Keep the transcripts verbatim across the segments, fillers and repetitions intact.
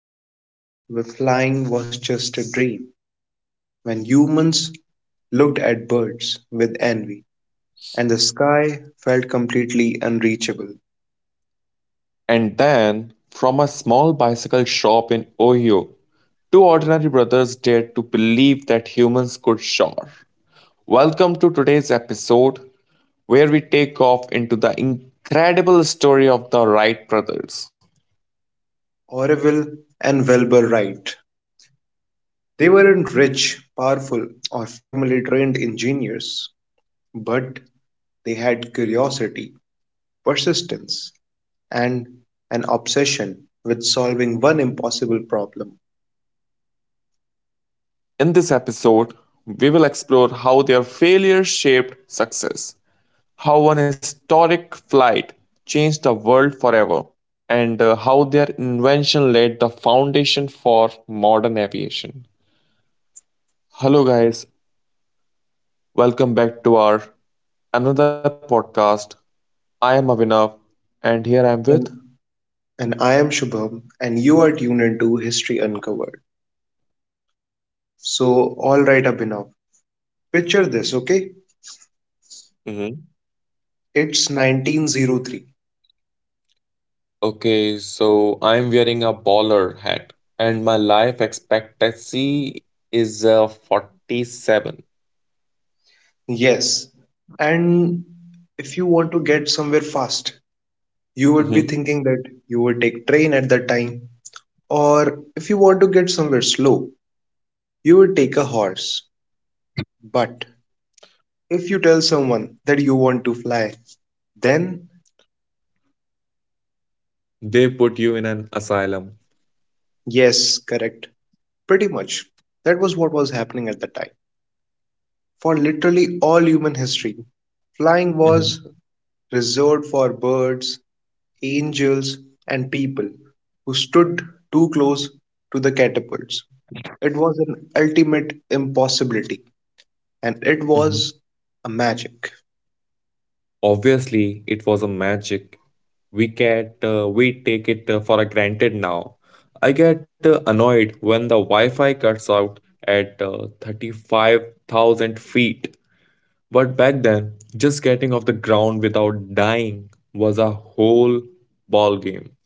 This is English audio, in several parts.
a time where flying was just a dream, when humans looked at birds with envy and the sky felt completely unreachable. And then, from a small bicycle shop in Ohio, two ordinary brothers dared to believe that humans could soar. Welcome to today's episode, where we take off into the incredible story of the Wright brothers. Orville and Wilbur Wright. They weren't rich, powerful, or formally trained engineers, but they had curiosity, persistence, and an obsession with solving one impossible problem. In this episode, we will explore how their failure shaped success, how one historic flight changed the world forever, and uh, how their invention laid the foundation for modern aviation. Hello, guys. Welcome back to our another podcast. I am Avinav and here I am with. And, and I am Shubham, and you are tuned into History Uncovered. So, all right, Abhinav. Picture this, okay? Mhm. It's nineteen oh three. Okay, so I'm wearing a baller hat and my life expectancy is uh, forty-seven. Yes. And if you want to get somewhere fast, you would be Mhm. thinking that you would take train at that time. Or if you want to get somewhere slow, you would take a horse. But if you tell someone that you want to fly, then They put you in an asylum. yes, correct. Pretty much. That was what was happening at the time. For literally all human history, flying Mhm. was reserved for birds, angels, and people who stood too close to the catapults. It was an ultimate impossibility, and it Mhm. was a magic. Obviously, it was a magic. We get uh, we take it uh, for granted now. I get uh, annoyed when the Wi-Fi cuts out at uh, thirty-five thousand feet. But back then, just getting off the ground without dying was a whole ball game.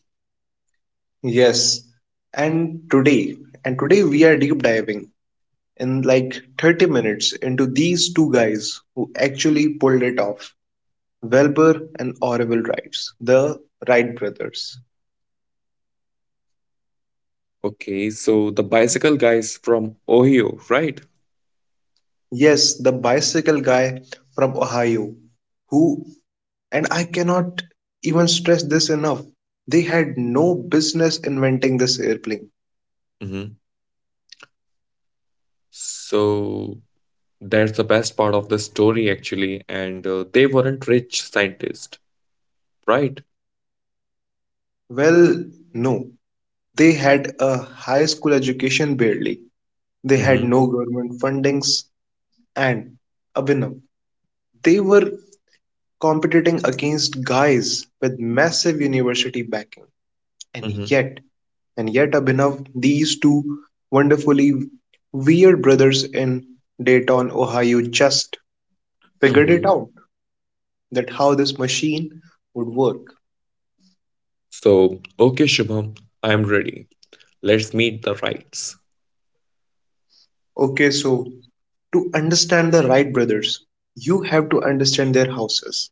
Yes, and today, and today we are deep diving in like thirty minutes into these two guys who actually pulled it off Welber and Orville Wrights, the Wright brothers. Okay, so the bicycle guys from Ohio, right? Yes, the bicycle guy from Ohio who and I cannot even stress this enough. They had no business inventing this airplane. Mm-hmm. So that's the best part of the story, actually. And uh, they weren't rich scientists, right? Well, no. They had a high school education barely. They had Mm-hmm. no government fundings. And Abhinav, they were competing against guys with massive university backing. And Mm-hmm. yet, and yet, Abhinav, these two wonderfully weird brothers in Dayton, Ohio just figured it Mm-hmm. out, that how this machine would work. So, okay, Shubham, I'm ready. Let's meet the rights. Okay, so to understand the Wright brothers, you have to understand their houses.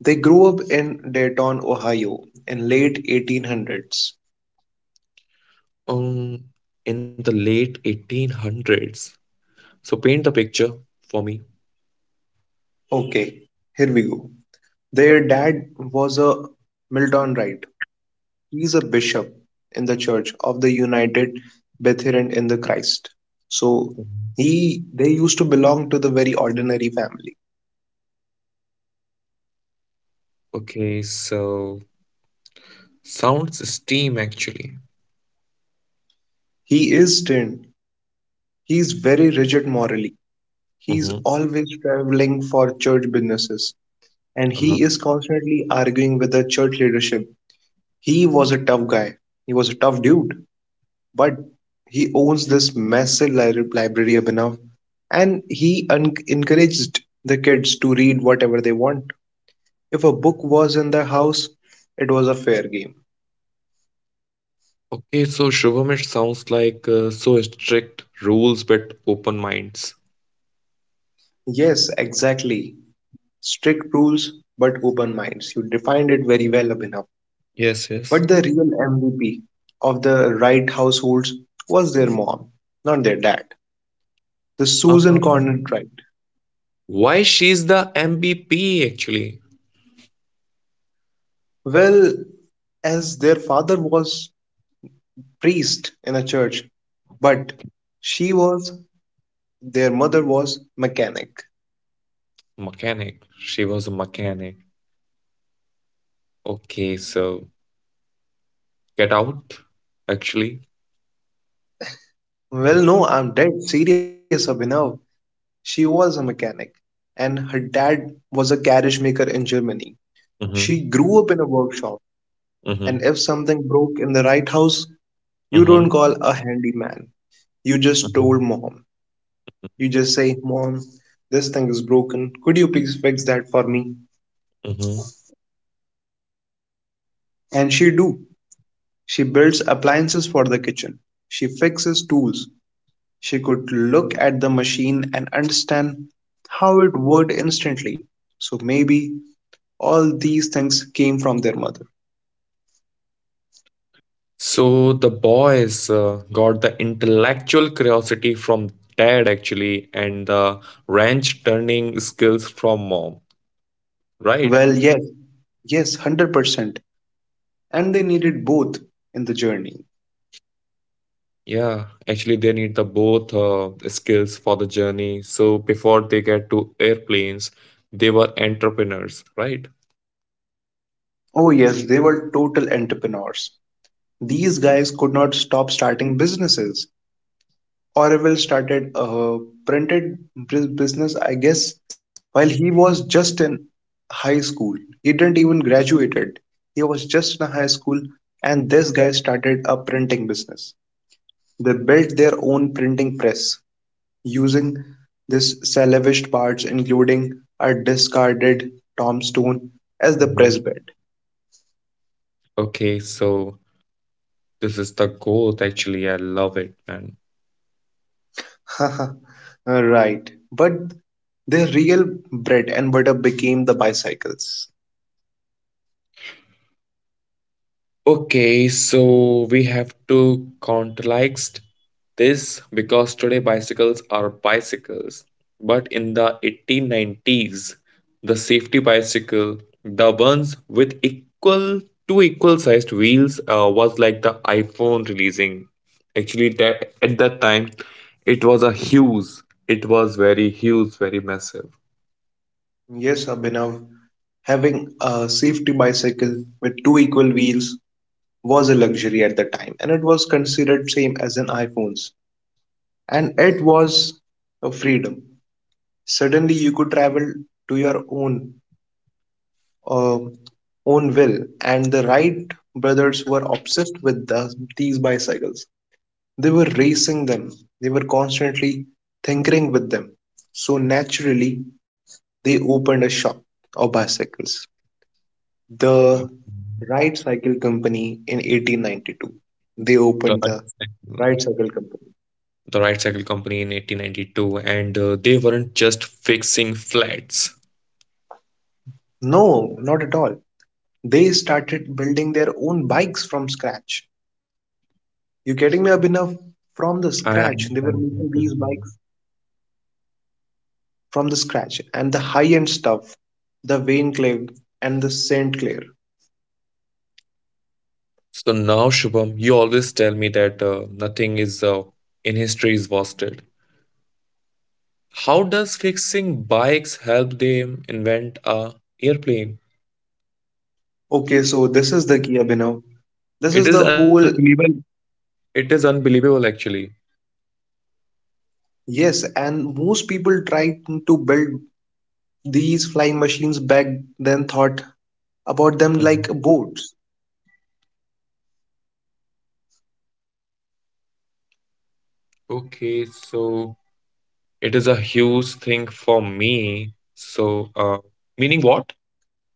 They grew up in Dayton, Ohio in late eighteen hundreds. Um, in the late eighteen hundreds. So, paint the picture for me. Okay, here we go. Their dad was a Milton Wright. He's a bishop in the Church of the United Brethren in the Christ. So he they used to belong to the very ordinary family. Okay, so sounds steam actually. He is stern. He is very rigid morally. He's Mm-hmm. always traveling for church businesses and Uh-huh. he is constantly arguing with the church leadership. He was a tough guy. He was a tough dude, but he owns this massive li- library of enough and he un- encouraged the kids to read whatever they want. If a book was in the house, it was a fair game. Okay, so Shubham, it sounds like uh, so strict rules but open minds. Yes, exactly. Strict rules, but open minds. You defined it very well, Abhinav. Yes, yes. But the real M V P of the right households was their mom, not their dad. The Susan Um, Conant Wright. why she's the M V P actually? Well, as their father was priest in a church, but she was their mother was mechanic. Mechanic. She was a mechanic. Okay, so get out actually. Well, no, I'm dead serious, Abhinav. She was a mechanic, and her dad was a carriage maker in Germany. She Mm-hmm. grew up in a workshop, and Mm-hmm. if something broke in the right house, you don't Mm-hmm. call a handyman. You just told mom. You just say, Mom, this thing is broken. Could you please fix that for me? Mm-hmm. And she do. She builds appliances for the kitchen. She fixes tools. She could look at the machine and understand how it worked instantly. So maybe all these things came from their mother. So the boys uh, got the intellectual curiosity from dad actually, and the wrench turning skills from mom, right? Well, yes, yes, one hundred percent. And they needed both in the journey. Yeah, actually they need the both uh, skills for the journey. So before they get to airplanes, they were entrepreneurs, right? Oh, yes, they were total entrepreneurs. These guys could not stop starting businesses. Orville started a printed bus- business, I guess, while he was just in high school. He didn't even graduated. He was just in high school, and this guy started a printing business. They built their own printing press using this salvaged parts, including a discarded tombstone, Mhm. as the press bed. Okay, so this is the goal actually. I love it, man. right. But their real bread and butter became the bicycles. Okay, so we have to contextualize this because today bicycles are bicycles. But in the eighteen nineties, the safety bicycle, the ones with equal two equal sized wheels, uh, was like the iPhone releasing. Actually, that at that time, it was a huge. It was very huge, very massive. Yes, Abhinav, having a safety bicycle with two equal wheels was a luxury at the time and it was considered same as an iPhones and it was a freedom. Suddenly you could travel to your own uh, own will and the Wright brothers were obsessed with the, these bicycles. They were racing them. They were constantly tinkering with them. So naturally they opened a shop of bicycles, Okay. the Wright Cycle Company in eighteen ninety-two. They The opened the Wright Cycle Company. the Wright Cycle Company in eighteen ninety-two, and uh, they weren't just fixing flats. No, not at all. They started building their own bikes from scratch. You getting me, Abhinav? From I the scratch, they understand were what you're making these saying. bikes from the scratch, and the high-end stuff, the Vainclave and the Saint Clair. So now, Shubham, you always tell me that uh, nothing is uh, in history is wasted. How does fixing bikes help them invent a airplane? Okay, so this It, is the key, Abhinav. This is the it is whole unbelievable. It is unbelievable, actually. yes, and most people trying to build these flying machines back then thought about them like Mhm. boats. Okay, so it is a huge thing for me. So, uh, meaning what?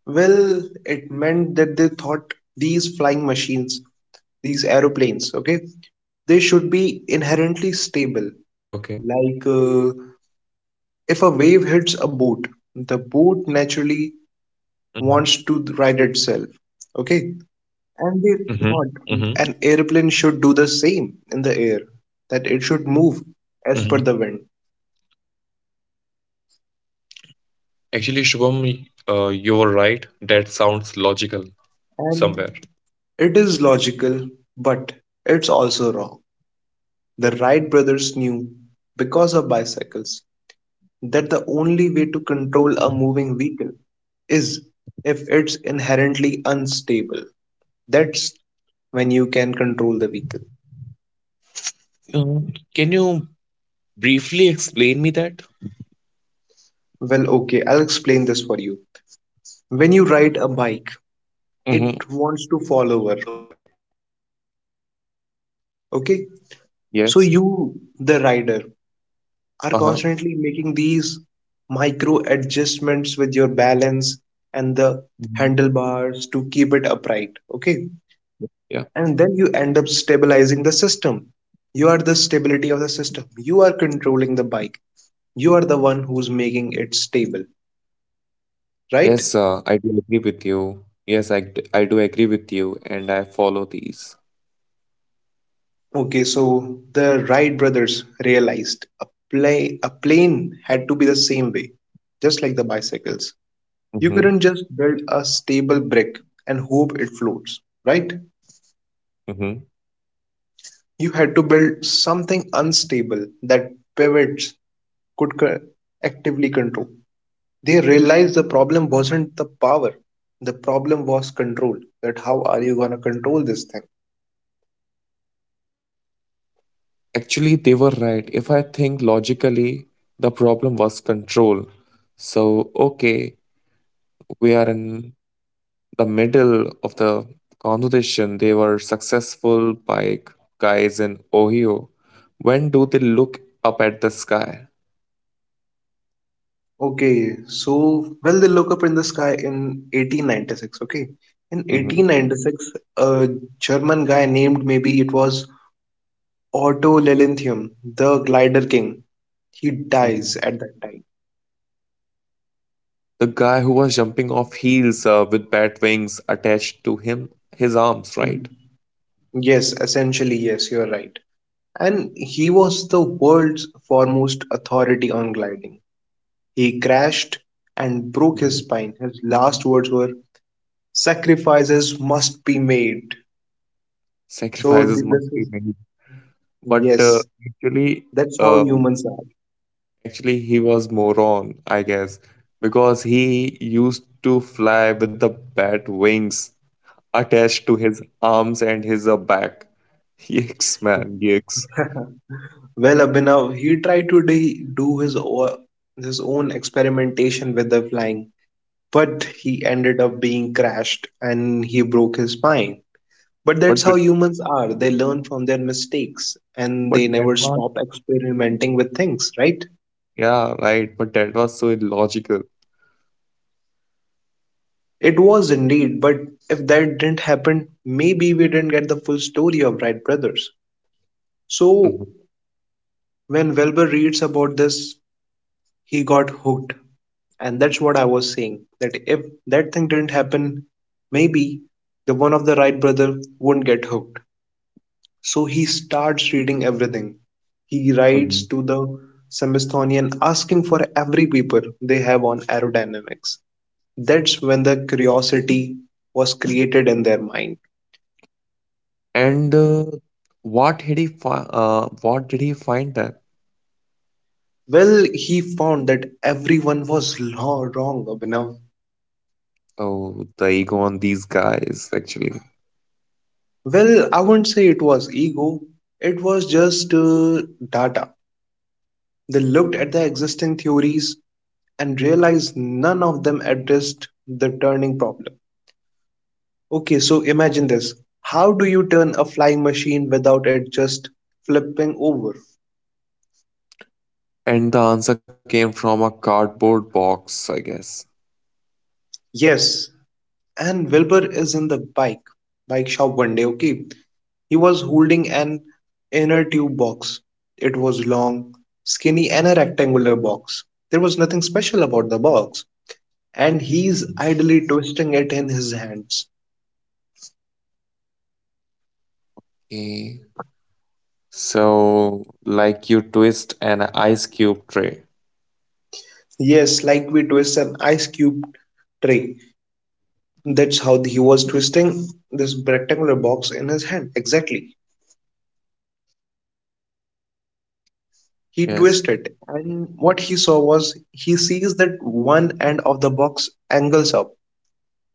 Well, it meant that they thought these flying machines, these aeroplanes, okay, they should be Okay. inherently stable. Like uh, if a wave hits a boat, the boat Mm-hmm. naturally wants to ride itself, okay? And they Mm-hmm. thought an airplane should do the same in the air, that it should move Mhm. as per the wind. Actually, Shubham, uh, you're right. That sounds logical somewhere. And it is logical, but it's also wrong. The Wright brothers knew, because of bicycles, that the only way to control a moving vehicle is if it's inherently unstable. That's when you can control the vehicle. Uh, can you briefly explain me that? Well, okay, I'll explain this for you. When you ride a bike, it Mm-hmm. wants to fall over. Okay? So Yes. you, the rider, are Uh-huh. constantly making these micro adjustments with your balance and the Mhm. handlebars to keep it upright. Okay? Ye- Yeah. And then you end up stabilizing the system. You are the stability of the system. You are controlling the bike. You are the one who's making it stable, right? Yes, uh, I do agree with you. Yes, I, d- I do agree with you, and I follow these. Okay, so the Wright brothers realized a play a plane had to be the same way, just like the bicycles. You couldn't Mm-hmm. just build a stable brick and hope it floats, right? Mm-hmm. You had to build something unstable that pivots could co- actively control. They realized the problem wasn't the power, the problem was control. That how are you gonna control this thing? Actually, they were right. If I think logically, the problem was control. So, okay, we are in the middle of the conversation, they were successful bike guys in Ohio. When do they look up at the sky? Okay, so well they look up in the sky in eighteen ninety-six. Okay, in Mhm, eighteen ninety-six, a German guy named maybe it was Otto Lilienthal, the glider king. He dies mhm. at that time. The guy who was jumping off heels uh, with bat wings attached to him, his arms, right? Yes, essentially, yes, you're right. And he was the world's foremost authority on gliding. He crashed and broke his Mhm. spine. His last words were, "Sacrifices must be made." So Sacrifices th- must this be is made. But uh, yes, actually, that's how um humans are. Actually, he was moron, I guess, because he used to fly with the bat wings attached to his arms and his uh, back. Yikes, man, yikes. Well, Abhinav, he tried to de- do his o- his own experimentation with the flying, but he ended up being crashed and he broke his spine. But that's But but how humans are. They learn from their mistakes and but they that never was stop experimenting with things, right? yeah, right. But that was so illogical. It was indeed, but if that didn't happen, maybe we didn't get the full story of Wright brothers. So Mhm, when Wilbur reads about this, he got hooked. And that's what I was saying, that if that thing didn't happen, maybe the one of the Wright brother wouldn't get hooked. So he starts reading everything. He mhm. writes to the Smithsonian asking for every paper they have on aerodynamics. That's when the curiosity was created in their mind. And uh, what did he fi- uh, what did he find that? Well, he found that everyone was lo- wrong, Abhinav. Oh, the ego on these guys actually. Well, I wouldn't say it was ego, it was just uh, data. They looked at the existing theories and realized none of them addressed the turning problem. Okay, so imagine this. How do you turn a flying machine without it just flipping over? And the answer came from a cardboard box, I guess. Yes, and Wilbur is in the bike bike shop one day, okay? He was holding an inner tube box. It was long, skinny, and a rectangular box. There was nothing special about the box, and he's idly twisting it in his hands. Okay. So, like you twist an ice cube tray. Yes, like we twist an ice cube tray. That's how he was twisting this rectangular box in his hand. Exactly. He Yes. twisted, and what he saw was he sees that one end of the box angles up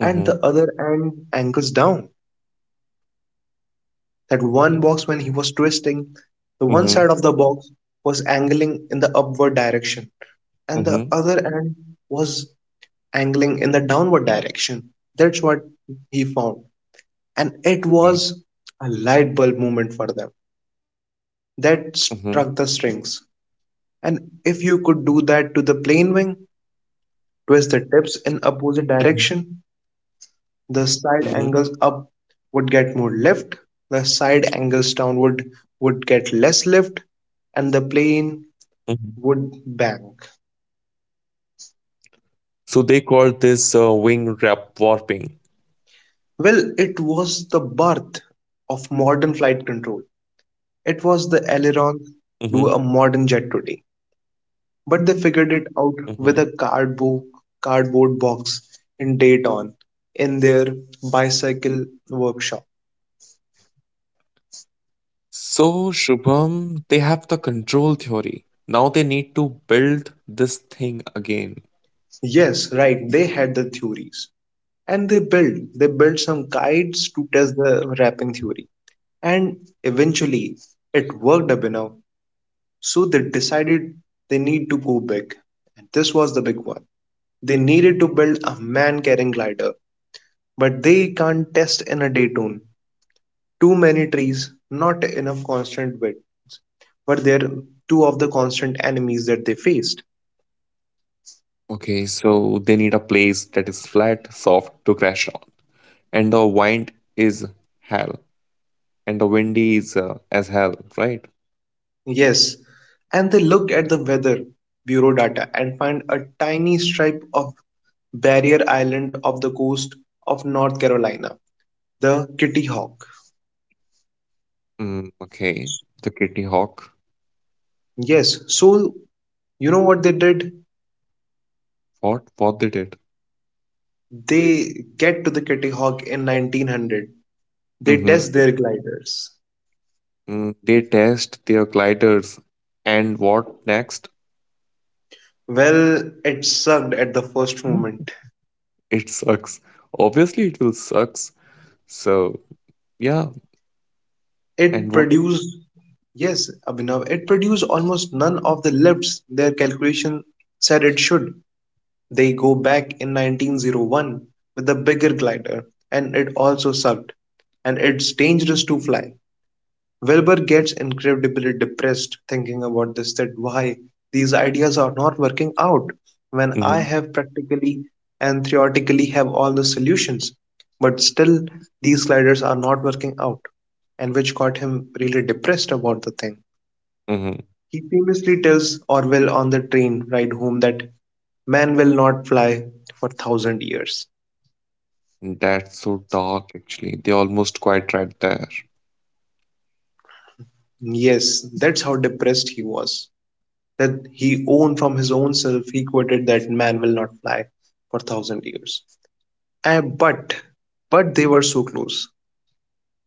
and the Mm-hmm. other end angles down. That one box, when he was twisting, the one side of the Mm-hmm. box was angling in the upward direction, and the other Mm-hmm. end was angling in the downward direction. That's what he found. And it was a light bulb moment for them that Mm-hmm. struck the strings. And if you could do that to the plane wing, twist the tips in opposite Mm-hmm. direction, the side Mhm, angles up would get more lift, the side angles downward would get less lift, and the plane mhm. would bank. So they call this uh, wing wrap warping. Well, it was the birth of modern flight control. It was the aileron Hmm. to a modern jet today. But they figured it Hmm. out with a cardboard, cardboard box in Dayton in their bicycle workshop. So Shubham, they have the control theory. Now they need to build this thing again. Yes, right, they had the theories, and they build they build some guides to test the wrapping theory and eventually it worked up enough, so they decided they need to go big, and this was the big one. They needed to build a man carrying glider, but they can't test in a day tune. Too many trees, not enough constant wind were there, two of the constant enemies that they faced. Okay, so they need a place that is flat, soft to crash on, and the wind is hell. And the windy is uh, as hell, right? Yes, and they look at the weather bureau data and find a tiny stripe of barrier island off the coast of North Carolina, the Kitty Hawk. Mm, okay, the Kitty Hawk. Yes, so you know what they did? What? What they did? They get to the Kitty Hawk in nineteen hundred. They Mm-hmm. test their gliders. Mm, they test their gliders, and what next? Well, it sucked at the first Mm. moment. It sucks. Obviously, it will sucks. So yeah, and It what? produced, yes, Abhinav, it produced almost none of the lifts their calculation said it should. They go back in nineteen oh one with a bigger glider, and it also sucked, and it's dangerous to fly. Wilbur gets incredibly depressed thinking about this that why these ideas are not working out when I Mm-hmm. have practically and theoretically have all the solutions, but still these sliders are not working out, and which got him really depressed about the thing. Mm-hmm. He famously tells Orwell on the train ride home that man will not fly for thousand years. That's so dark, actually. They almost quite right there. Yes, that's how depressed he was that he owned from his own self, he quoted that man will not fly for thousand years. And but but they were so close.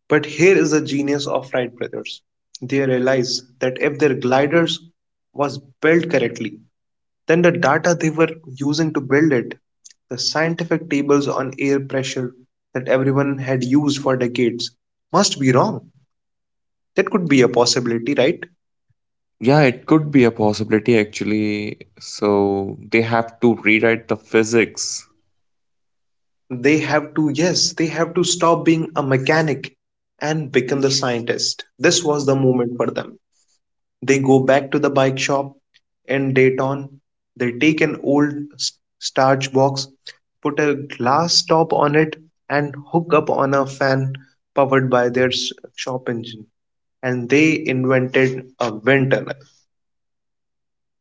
But here is the genius of Wright brothers. They realized that if their gliders was built correctly, then the data they were using to build it, the scientific tables on air pressure that everyone had used for decades, must be wrong. That could be a possibility, right? Yeah, it could be a possibility, actually. So they have to rewrite the physics. They have to, yes, they have to stop being a mechanic and become the scientist. This was the moment for them. They go back to the bike shop in Dayton. They take an old s- starch box, put a glass top on it, and hook up on a fan powered by their s- shop engine. And they invented a wind tunnel.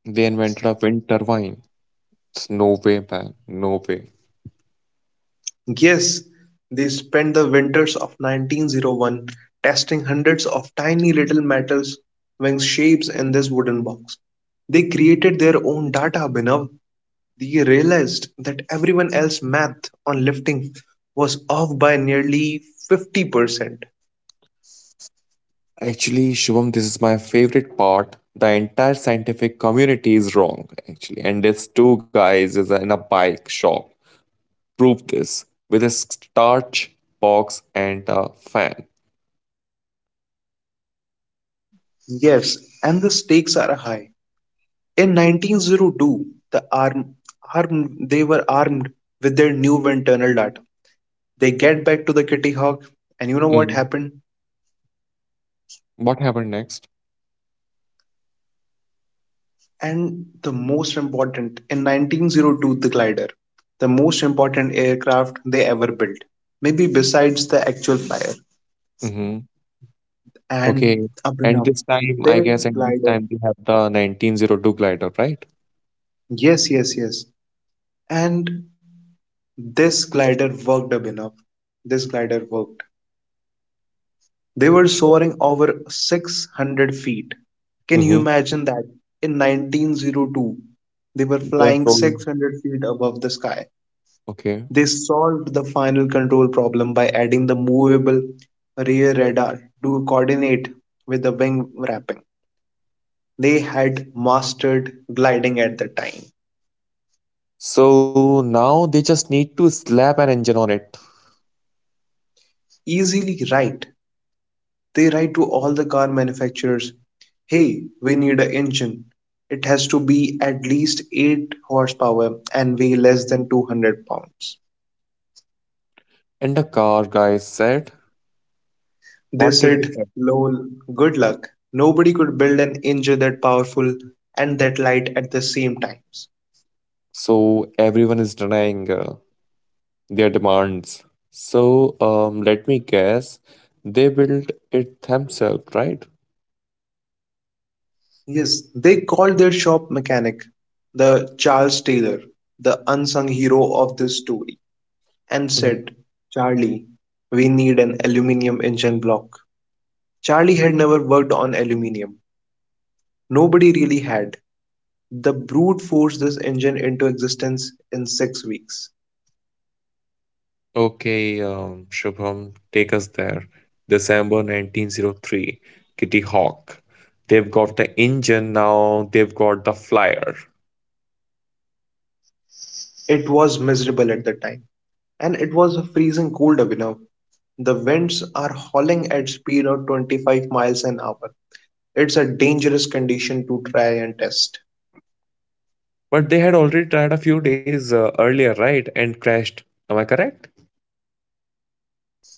They invented a wind turbine. It's no way, man. No way. Yes, they spent the winters of nineteen oh one testing hundreds of tiny little metals wing shapes in this wooden box. They created their own data, Binav. They realized that everyone else's math on lifting was off by nearly fifty percent. Actually, Shubham, this is my favorite part. The entire scientific community is wrong, actually. And these two guys is in a bike shop. Prove this with a starch box and a fan. Yes, and the stakes are high. In nineteen oh two, the arm, armed, they were armed with their new internal data. They get back to the Kitty Hawk, and you know what Mhm. happened? What happened next? And the most important, in nineteen oh two, the glider, the most important aircraft they ever built, maybe besides the actual flyer. Hmm. And Okay. And Abhinav, this time, I this guess, and this glider, time we have the nineteen oh two glider, right? yes, yes, yes. And this glider worked, Abhinav. This glider worked. They were soaring over six hundred feet. Can you Mm-hmm. imagine that? In nineteen oh two, they were That's flying all. six hundred feet above the sky. Okay. They solved the final control problem by adding the movable rear radar to coordinate with the wing wrapping. They had mastered gliding at the time. So now they just need to slap an engine on it. Easily right. They write to all the car manufacturers, "Hey, we need an engine. It has to be at least eight horsepower and weigh less than two hundred pounds." And the car guys said, They what did they said, say? lol, good luck. Nobody could build an engine that powerful and that light at the same times. So everyone is denying uh, their demands. So um, let me guess, they built it themselves, right? Yes, they called their shop mechanic, the Charles Taylor, the unsung hero of this story, and Mhm. said, Charlie, we need an aluminium engine block. Charlie had never worked on aluminium. Nobody really had. The brute forced this engine into existence in six weeks. Okay, um, Shubham, take us there. December nineteen oh three, Kitty Hawk. They've got the engine now, they've got the flyer. It was miserable at the time, and it was freezing cold, Abhinav. The winds are howling at speed of twenty-five miles an hour. It's a dangerous condition to try and test. But they had already tried a few days uh, earlier, right? And crashed. Am I correct?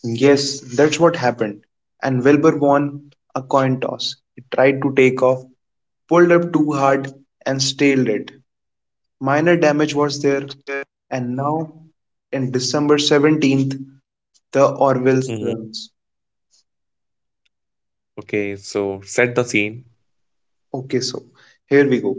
Yes, that's what happened. And Wilbur won a coin toss. He tried to take off, pulled up too hard, and stalled it. Minor damage was there, and now in December seventeenth, the Hmm. Orwell's runs. Okay, so set the scene. Okay, so here we go.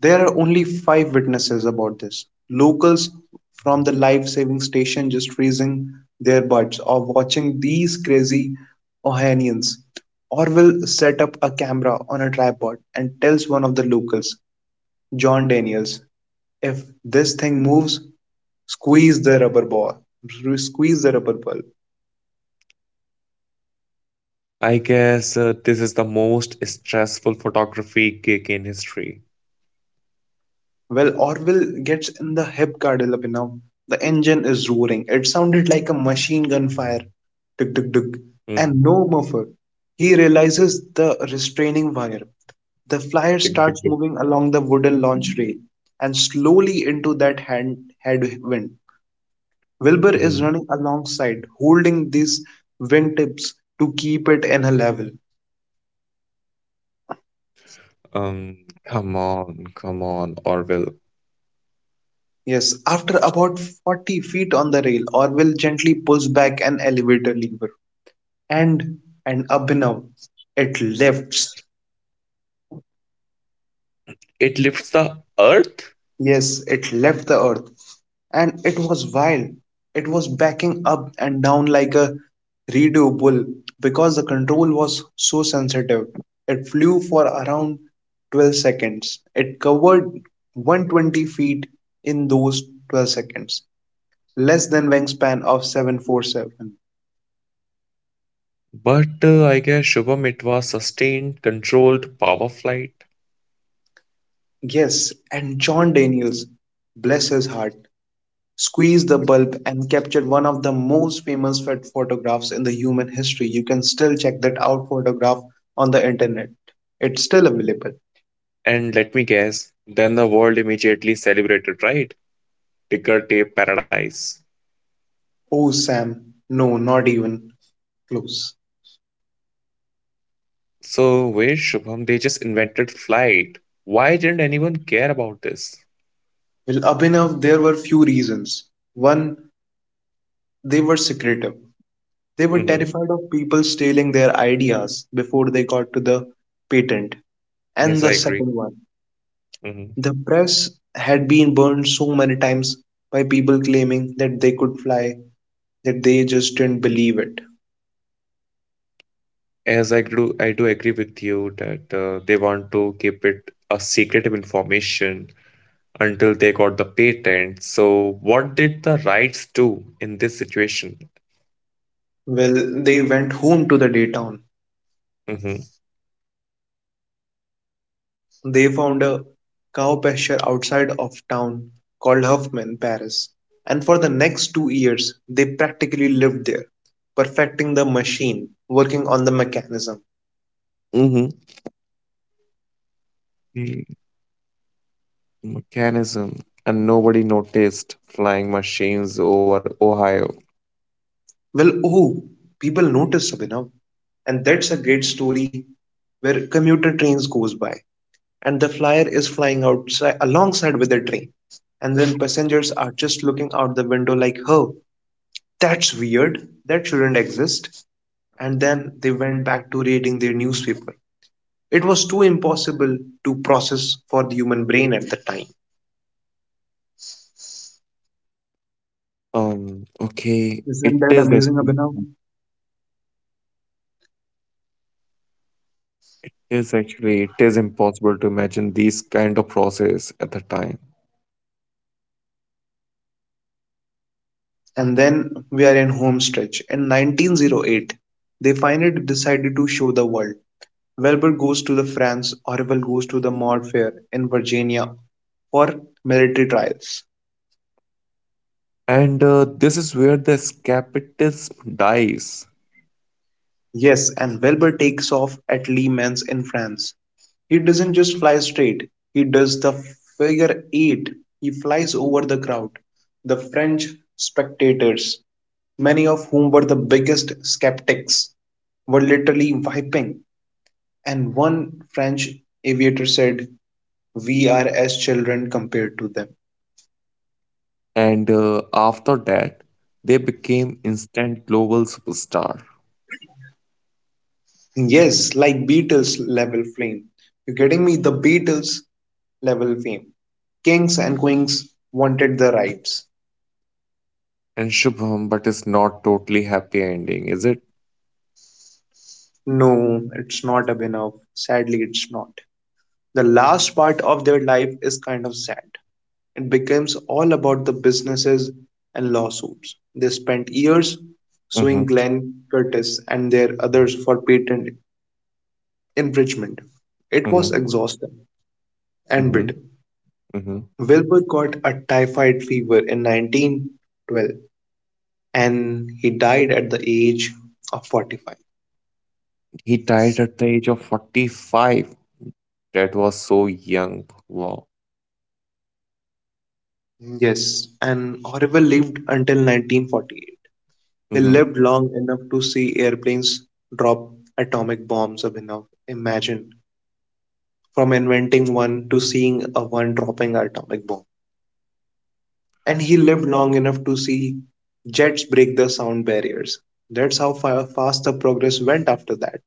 There are only five witnesses about this. Locals from the life saving station just raising their butts or watching these crazy Ohanians. Orwell set up a camera on a tripod and tells one of the locals, John Daniels, if this thing moves, squeeze the rubber ball. Squeeze the rubber ball. I guess uh, this is the most stressful photography gig in history. Well, Orville gets in the hip car developing now. The engine is roaring. It sounded like a machine gun fire. Tick, tick, tick. Mhm. And no muffler. He realizes the restraining wire. The Tick, flyer tick, tick. starts moving along the wooden launch rail and slowly into that hand headwind. Wilbur Mhm. is running alongside, holding these wind tips to keep it in a level. Um, come on, come on, Orville. Yes, after about forty feet on the rail, Orville gently pulls back an elevator lever, and and Abhinav, it left. It lifts the earth, Yes, it left the earth, and it was wild. It was backing up and down like a redo bull because the control was so sensitive. It flew for around twelve seconds. It covered one hundred twenty feet in those twelve seconds, less than wingspan of seven four seven. but uh, I guess Shubham, it was sustained, controlled power flight. Yes, and John Daniels, bless his heart, squeezed the bulb and captured one of the most famous photographs in the human history. You can still check that out photograph on the internet. It's still available. And let me guess, then the world immediately celebrated, right? Ticker tape paradise. Oh, Sam, no, not even close. So, wait, Shubham, they just invented flight. Why didn't anyone care about this? Well, Abhinav, there were few reasons. One, they were secretive. They were Hmm. terrified of people stealing their ideas before they got to the patent. Yes, And I the agree. second one, Hmm. the press had been burned so many times by people claiming that they could fly that they just didn't believe it. As I do, I do agree with you that uh, they want to keep it a secretive information until they got the patent. So, what did the rights do in this situation? Well, they went home to the day town. Hmm. They found a cow pasture outside of town called Huffman, Paris. And for the next two years, they practically lived there, perfecting the machine, working on the mechanism. Hmm. Mechanism, and nobody noticed flying machines over Ohio. Well, oh, people notice, Abhinav. And that's a great story where commuter trains goes by and the flyer is flying outside alongside with the train and then passengers are just looking out the window like, oh, that's weird, that shouldn't exist. And then they went back to reading their newspaper. It was too impossible to process for the human brain at the time. Um, okay, Isn't it that is amazing, actually. Abhinav? Yes, actually, it is impossible to imagine these kind of process at the time. And then we are in home stretch. In nineteen oh eight, they finally decided to show the world. Welber goes to the France, Orwell goes to the Maud Fair in Virginia for military trials. And uh, this is where the escapism dies. Yes, and Wilbur takes off at Le Mans in France. He doesn't just fly straight, he does the figure eight. He flies over the crowd, the French spectators, many of whom were the biggest skeptics, were literally wiping. And one French aviator said, "We are as children compared to them." And uh, after that, they became instant global superstar. Yes, like Beatles level fame. You are getting me? The Beatles level fame. Kings and queens wanted the rights. And Shubham, but is not totally happy ending, is it? No, it's not up enough. Sadly, it's not. The last part of their life is kind of sad. It becomes all about the businesses and lawsuits. They spent years suing Mm-hmm, Glenn Curtis and their others for patent infringement. It was mm-hmm, exhausting and bitter. mm-hmm, mm-hmm. Wilbur got a typhoid fever in nineteen twelve and he died at the age of forty-five. He died at the age of forty-five. That was so young. Wow. Yes, and Orville lived until nineteen forty-eight. He Mm-hmm. lived long enough to see airplanes drop atomic bombs of enough. Imagine from inventing one to seeing a one dropping an atomic bomb. And he lived long enough to see jets break the sound barriers. That's how fa- fast the progress went after that.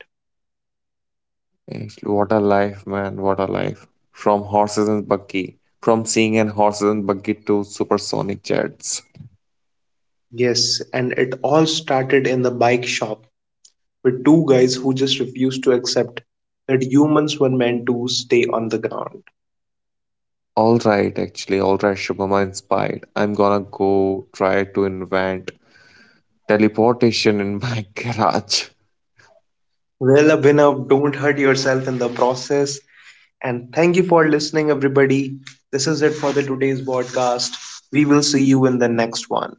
Actually, what a life, man. What a life. From horses and buggy. From seeing and horses and buggy to supersonic jets. Yes, and it all started in the bike shop with two guys who just refused to accept that humans were meant to stay on the ground. All right, actually, all right, Shubham, I'm inspired. I'm gonna go try to invent teleportation in my garage. Well, Abhinav, don't hurt yourself in the process. And thank you for listening, everybody. This is it for the today's podcast. We will see you in the next one.